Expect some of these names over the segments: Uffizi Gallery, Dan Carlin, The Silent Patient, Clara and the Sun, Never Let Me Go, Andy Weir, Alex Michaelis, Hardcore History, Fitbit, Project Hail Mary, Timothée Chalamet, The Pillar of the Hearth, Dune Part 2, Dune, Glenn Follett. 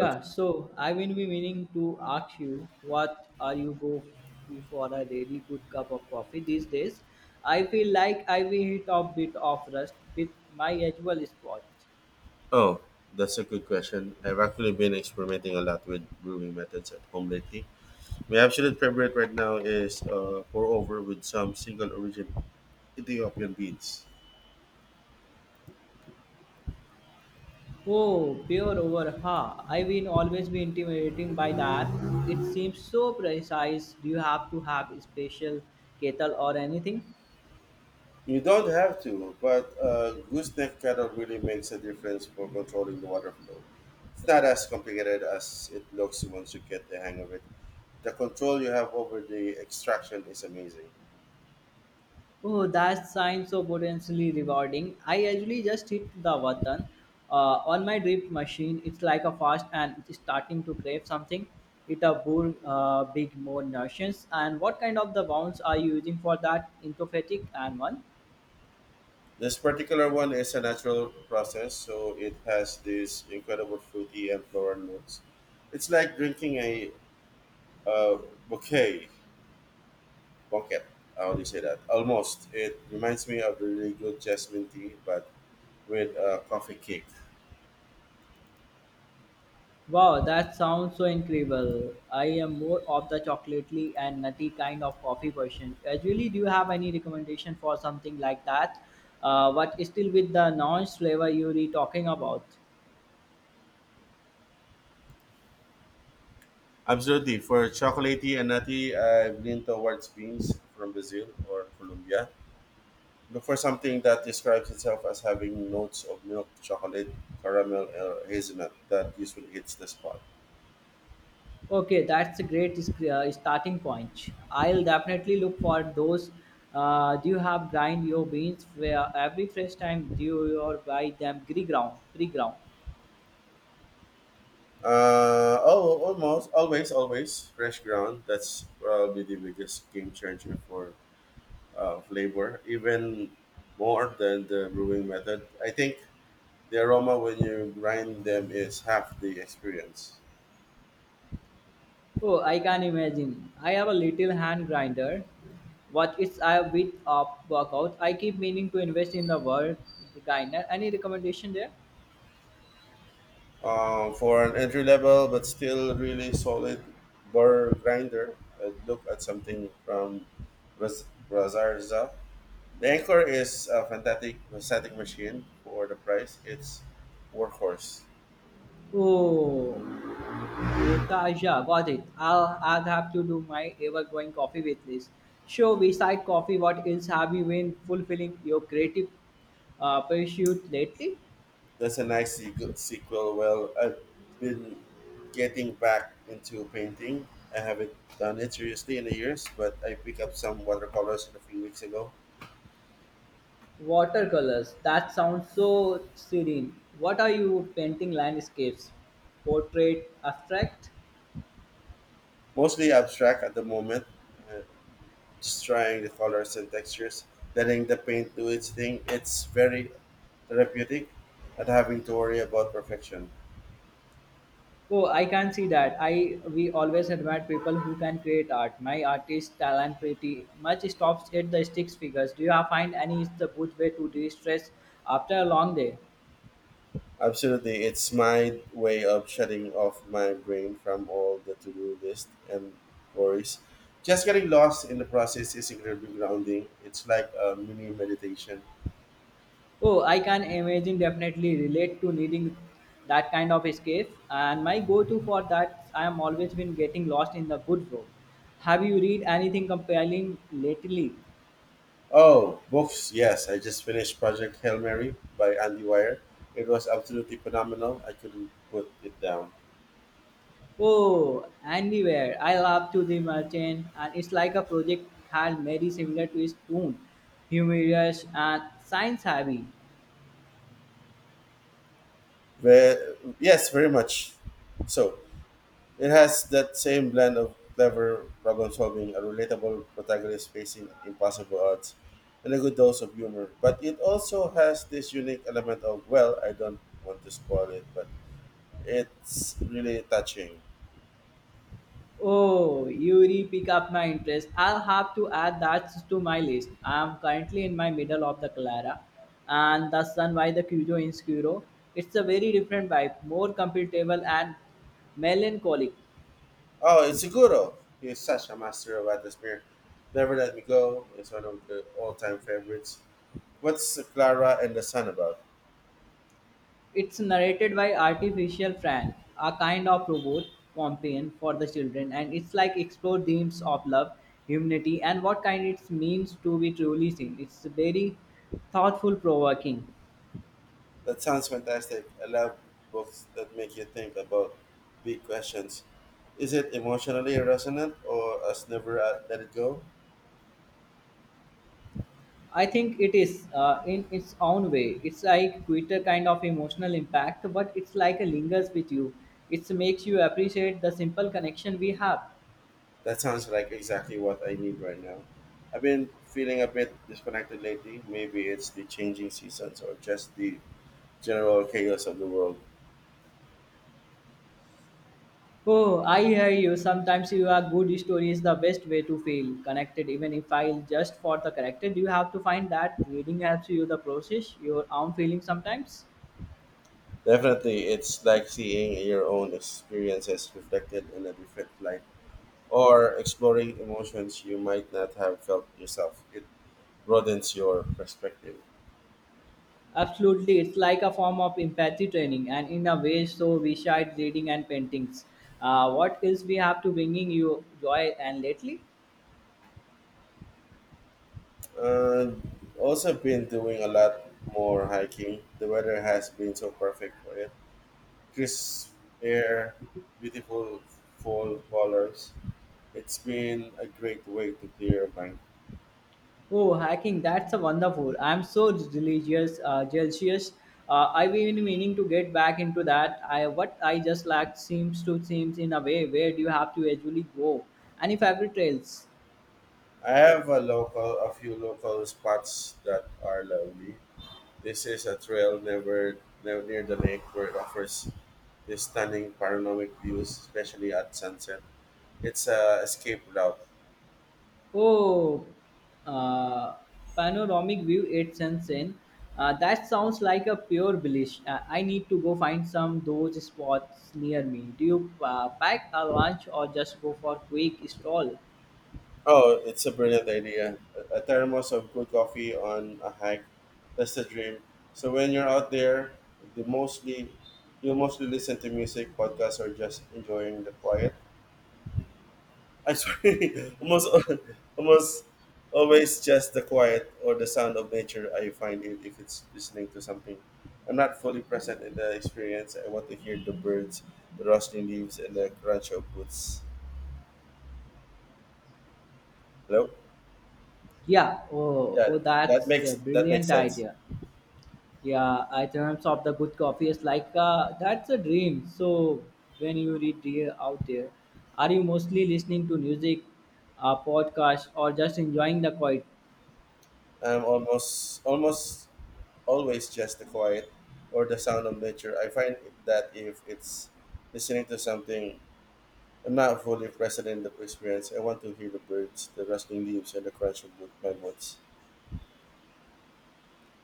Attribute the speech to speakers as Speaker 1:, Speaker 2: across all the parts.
Speaker 1: Okay.
Speaker 2: so I will be meaning to ask you what are you go to for a really good cup of coffee these days? I feel like I will hit a bit of rust with my usual spot.
Speaker 1: Oh, that's a good question. I've actually been experimenting a lot with brewing methods at home lately. My absolute favorite right now is pour over with some single origin Ethiopian beans.
Speaker 2: Oh, pure over ha. I will always be intimidating by that. It seems so precise. Do you have to have a special kettle or anything?
Speaker 1: You don't have to, but gooseneck kettle really makes a difference for controlling the water flow. It's not as complicated as it looks once you get the hang of it. The control you have over the extraction is amazing.
Speaker 2: Oh, that sounds so potentially rewarding. I usually just hit the button on my drip machine. It's like a fast and it's starting to crave something. It a bull, big more notions. And what kind of the bounds are you using for that? Intophatic and one.
Speaker 1: This particular one is a natural process, so it has these incredible fruity and floral notes. It's like drinking a uh, bouquet, bouquet. How do you say that? Almost. It reminds me of really good jasmine tea, but with a coffee kick.
Speaker 2: Wow, that sounds so incredible. I am more of the chocolatey and nutty kind of coffee person. Usually, do you have any recommendation for something like that? But still with the non flavor you were talking about?
Speaker 1: Absolutely. For chocolatey and nutty, I've leaned towards beans from Brazil or Colombia. Look for something that describes itself as having notes of milk, chocolate, caramel, or hazelnut that usually hits the spot.
Speaker 2: Okay, that's a great starting point. I'll definitely look for those. Do you have grind your beans where every fresh time do you or buy them pre-ground? Pre-ground.
Speaker 1: Oh, always fresh ground. That's probably the biggest game changer for flavor, even more than the brewing method. I think the aroma when you grind them is half the experience.
Speaker 2: Oh, I can imagine. I have a little hand grinder, but it's a bit of workout. I keep meaning to invest in the world grinder. Any recommendation there?
Speaker 1: For an entry level but still really solid burr grinder, I'd look at something from Raz- Razarza. The Anchor is a fantastic machine for the price. It's workhorse.
Speaker 2: Oh. Birtaja, got it. I'll have to do my ever-growing coffee with list. So, beside coffee, what else have you been fulfilling your creative pursuit lately?
Speaker 1: That's a good sequel. Well, I've been getting back into painting. I haven't done it seriously in the years, but I picked up some watercolors a few weeks ago.
Speaker 2: Watercolors. That sounds so serene. What are you painting? Landscapes, portrait, abstract.
Speaker 1: Mostly abstract at the moment, uh, just trying the colors and textures, letting the paint do its thing. It's very therapeutic, not having to worry about perfection.
Speaker 2: Oh, I can see that. I we always admire people who can create art. My artist talent pretty much stops at the sticks figures. Do you find any is the good way to de-stress after a long day?
Speaker 1: Absolutely, it's my way of shutting off my brain from all the to-do list and worries. Just getting lost in the process is incredibly grounding. It's like a mini meditation.
Speaker 2: Oh, I can imagine definitely relate to needing that kind of escape. And my go-to for that, I am always been getting lost in the good book. Have you read anything compelling lately?
Speaker 1: Oh, books. Yes, I just finished Project Hail Mary by Andy Weir. It was absolutely phenomenal. I couldn't put it down.
Speaker 2: Oh, anywhere. I love to the merchant, and it's like a project had very similar to its own, humorous and science heavy.
Speaker 1: Ve- yes, very much. So, it has that same blend of clever problem solving, a relatable protagonist facing impossible odds, and a good dose of humor. But it also has this unique element of, well, I don't want to spoil it, but it's really touching.
Speaker 2: Oh, you re-pick up my interest. I'll have to add that to my list. I'm currently in my middle of the Clara and the Sun by the Cujo in Scuro. It's a very different vibe, more comfortable and melancholic.
Speaker 1: Oh, it's Seguro. He is such a master of atmosphere. Never Let Me Go is one of the all time favorites. What's Clara and the Sun about?
Speaker 2: It's narrated by artificial Fran, a kind of robot companion for the children, and it's like explore themes of love, humanity, and what kind it means to be truly seen. It's very thoughtful provoking.
Speaker 1: That sounds fantastic. I love books that make you think about big questions. Is it emotionally resonant or us never let it go?
Speaker 2: I think it is in its own way. It's like Twitter kind of emotional impact, but it's like a lingers with you. It makes you appreciate the simple connection we have.
Speaker 1: That sounds like exactly what I need right now. I've been feeling a bit disconnected lately. Maybe it's the changing seasons or just the general chaos of the world.
Speaker 2: Oh, I hear you. Sometimes you are good story is the best way to feel connected, even if I just for the connected. You have to find that reading helps you the process your own feeling sometimes.
Speaker 1: Definitely, it's like seeing your own experiences reflected in a different light or exploring emotions you might not have felt yourself. It broadens your perspective.
Speaker 2: Absolutely, it's like a form of empathy training, and in a way, so besides reading and paintings, what else we have to bringing you joy and lately?
Speaker 1: And also been doing a lot more hiking. The weather has been so perfect for it. Crisp air, beautiful fall colors. It's been a great way to clear your mind.
Speaker 2: Oh, hiking, that's a wonderful. I'm so religious, jealous. I've been meaning to get back into that. I what I just lacked seems in a way where do you have to actually go? Any favorite trails?
Speaker 1: I have a few local spots that are lovely. This is a trail never, never near the lake where it offers these stunning panoramic views, especially at sunset. It's a escape route.
Speaker 2: Oh, uh, Panoramic view, it's insane. That sounds like a pure bliss. I need to go find some those spots near me. Do you pack a lunch or just go for quick stroll?
Speaker 1: Oh, it's a brilliant idea. A thermos of good coffee on a hike. That's the dream. So when you're out there, the mostly you'll mostly listen to music, podcasts, or just enjoying the quiet. I'm sorry, almost always just the quiet or the sound of nature. I find it if it's listening to something. I'm not fully present in the experience. I want to hear the birds, the rustling leaves, and the crunch of boots. Hello.
Speaker 2: Yeah, oh,
Speaker 1: Yeah,
Speaker 2: oh,
Speaker 1: that
Speaker 2: that's a
Speaker 1: makes that makes
Speaker 2: brilliant
Speaker 1: sense.
Speaker 2: idea. Yeah, I terms of the good coffee is like that's a dream. So when you read dear out there, are you mostly listening to music, podcast, or just enjoying the quiet?
Speaker 1: I'm almost always just the quiet or the sound of nature. I find that if it's listening to something, I'm not fully present in the experience. I want to hear the birds, the rustling leaves, and the crunch of my boots.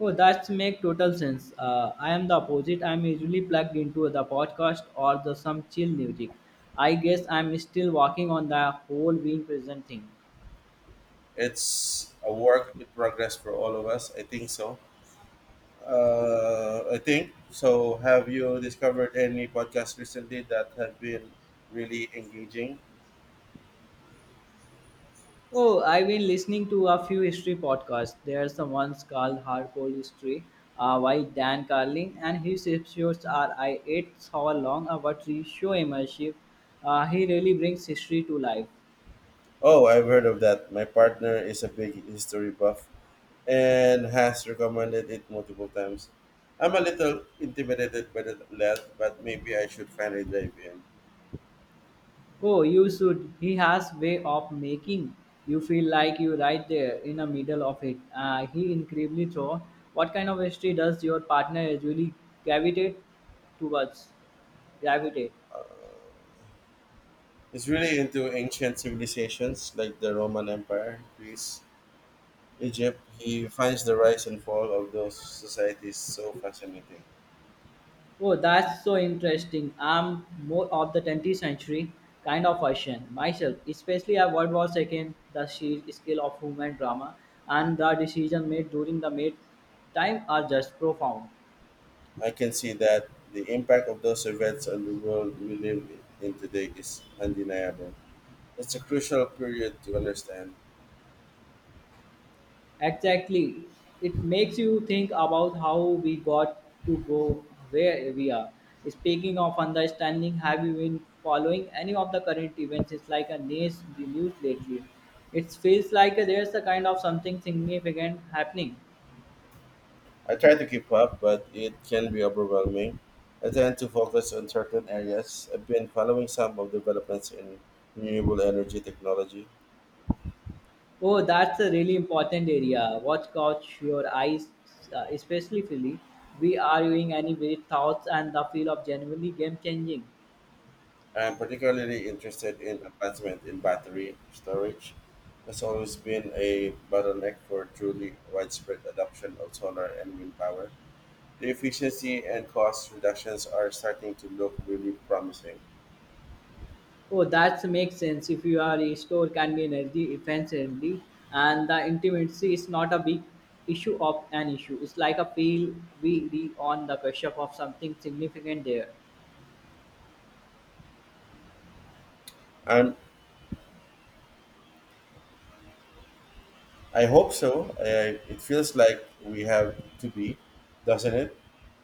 Speaker 2: Oh, that's make total sense. I am the opposite. I'm usually plugged into the podcast or the some chill music. I guess I'm still working on the whole being present thing.
Speaker 1: It's a work in progress for all of us. I think so. I think so. Have you discovered any podcasts recently that have been really engaging?
Speaker 2: Oh, I've been listening to a few history podcasts. There's the ones called Hardcore History by Dan Carlin, and his episodes are I 8 hour long, about but he show immersive. He really brings history to life.
Speaker 1: Oh, I've heard of that. My partner is a big history buff and has recommended it multiple times. I'm a little intimidated by the lad, but maybe I should finally dive in.
Speaker 2: Oh, you should. He has way of making you feel like you're right there in the middle of it. He incredibly thought, what kind of history does your partner usually gravitate towards? Gravitate.
Speaker 1: It's really into ancient civilizations like the Roman Empire, Greece, Egypt. He finds the rise and fall of those societies so fascinating.
Speaker 2: Oh, that's so interesting. I'm more of the 20th century kind of person myself, especially at World War II, the sheer scale of human drama and the decision made during the mid time are just profound.
Speaker 1: I can see that the impact of those events on the world we live in today is undeniable. It's a crucial period to understand.
Speaker 2: Exactly. It makes you think about how we got to go where we are. Speaking of understanding, have you been following any of the current events? It's like a news, the news lately. It feels like there's a kind of something significant happening.
Speaker 1: I try to keep up, but it can be overwhelming. I tend to focus on certain areas. I've been following some of the developments in renewable energy technology.
Speaker 2: Oh, that's a really important area. What caught your eyes, especially Philly? We are viewing any weird thoughts and the feel of genuinely game changing.
Speaker 1: I'm particularly interested in advancement in battery storage. That's always been a bottleneck for truly widespread adoption of solar and wind power. The efficiency and cost reductions are starting to look really promising.
Speaker 2: Oh, that makes sense. If you are a store, can be energy efficiently, and the intimacy is not a big issue of an issue. It's like a feel we re on the pressure of something significant there.
Speaker 1: I'm I hope so. I, it feels like we have to be, doesn't it?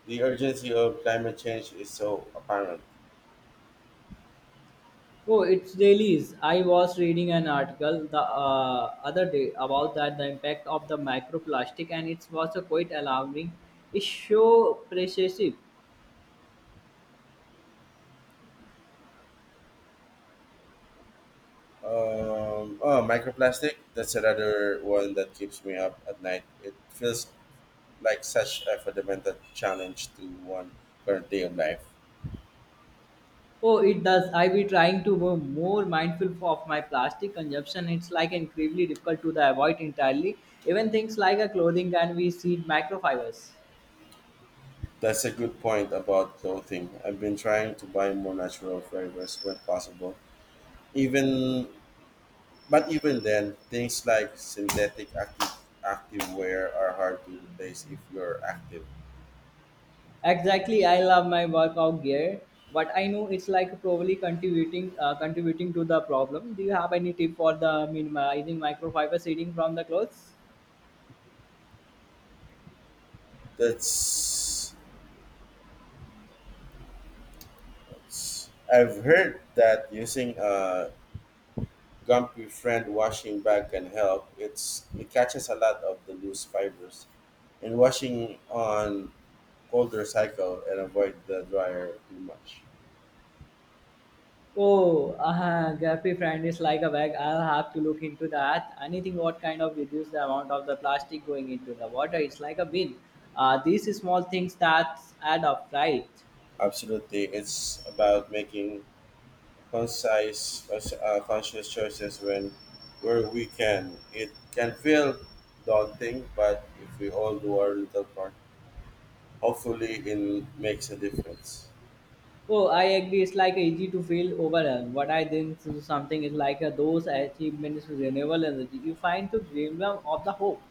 Speaker 1: The urgency of climate change is so apparent.
Speaker 2: Oh, it's dailies. I was reading an article the other day about that the impact of the microplastic, and it was a quite alarming. It's so pervasive.
Speaker 1: Oh, microplastic. That's another one that keeps me up at night. It feels like such a fundamental challenge to one current day of life.
Speaker 2: Oh, it does. I be trying to be more mindful of my plastic consumption. It's like incredibly difficult to the avoid entirely. Even things like a clothing can be seed microfibers.
Speaker 1: That's a good point about clothing. I've been trying to buy more natural fibers when possible, even but even then, things like synthetic active activewear are hard to replace if you're active.
Speaker 2: Exactly, I love my workout gear, but I know it's like probably contributing to the problem. Do you have any tip for the minimizing microfiber seeding from the clothes?
Speaker 1: That's, I've heard that using a Gumpy Friend washing bag can help. It catches a lot of the loose fibers. And washing on colder cycle and avoid the dryer too much.
Speaker 2: Oh, Gappy friend is like a bag. I'll have to look into that. Anything what kind of reduce the amount of the plastic going into the water? It's like a bin. These small things that add up, right?
Speaker 1: Absolutely, it's about making conscious choices when where we can. It can feel daunting, but if we all do our little part, hopefully it makes a difference.
Speaker 2: Oh, I agree. It's like easy to feel overwhelmed. What I think is something is like those achievements with renewable energy. You find the glimmer of the hope.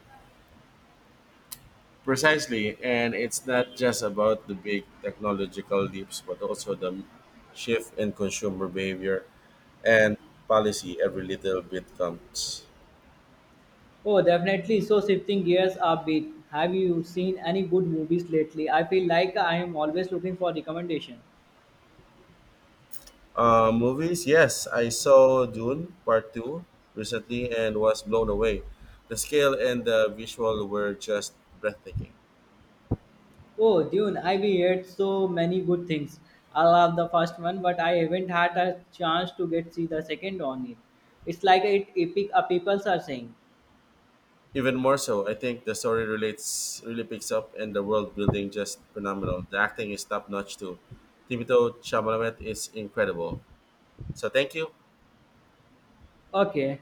Speaker 1: Precisely, and it's not just about the big technological leaps, but also the shift in consumer behavior and policy. Every little bit counts.
Speaker 2: Oh, definitely. So shifting gears a bit. Have you seen any good movies lately? I feel like I am always looking for recommendation.
Speaker 1: Movies, yes, I saw Dune Part 2 recently and was blown away. The scale and the visual were just breathtaking.
Speaker 2: Oh, Dune. I've heard so many good things. I love the first one, but I haven't had a chance to get see the second on it. It's like it epic. People are saying.
Speaker 1: Even more so, I think the story relates really picks up and the world building just phenomenal. The acting is top notch too. Timothée Chalamet is incredible. So thank you.
Speaker 2: Okay.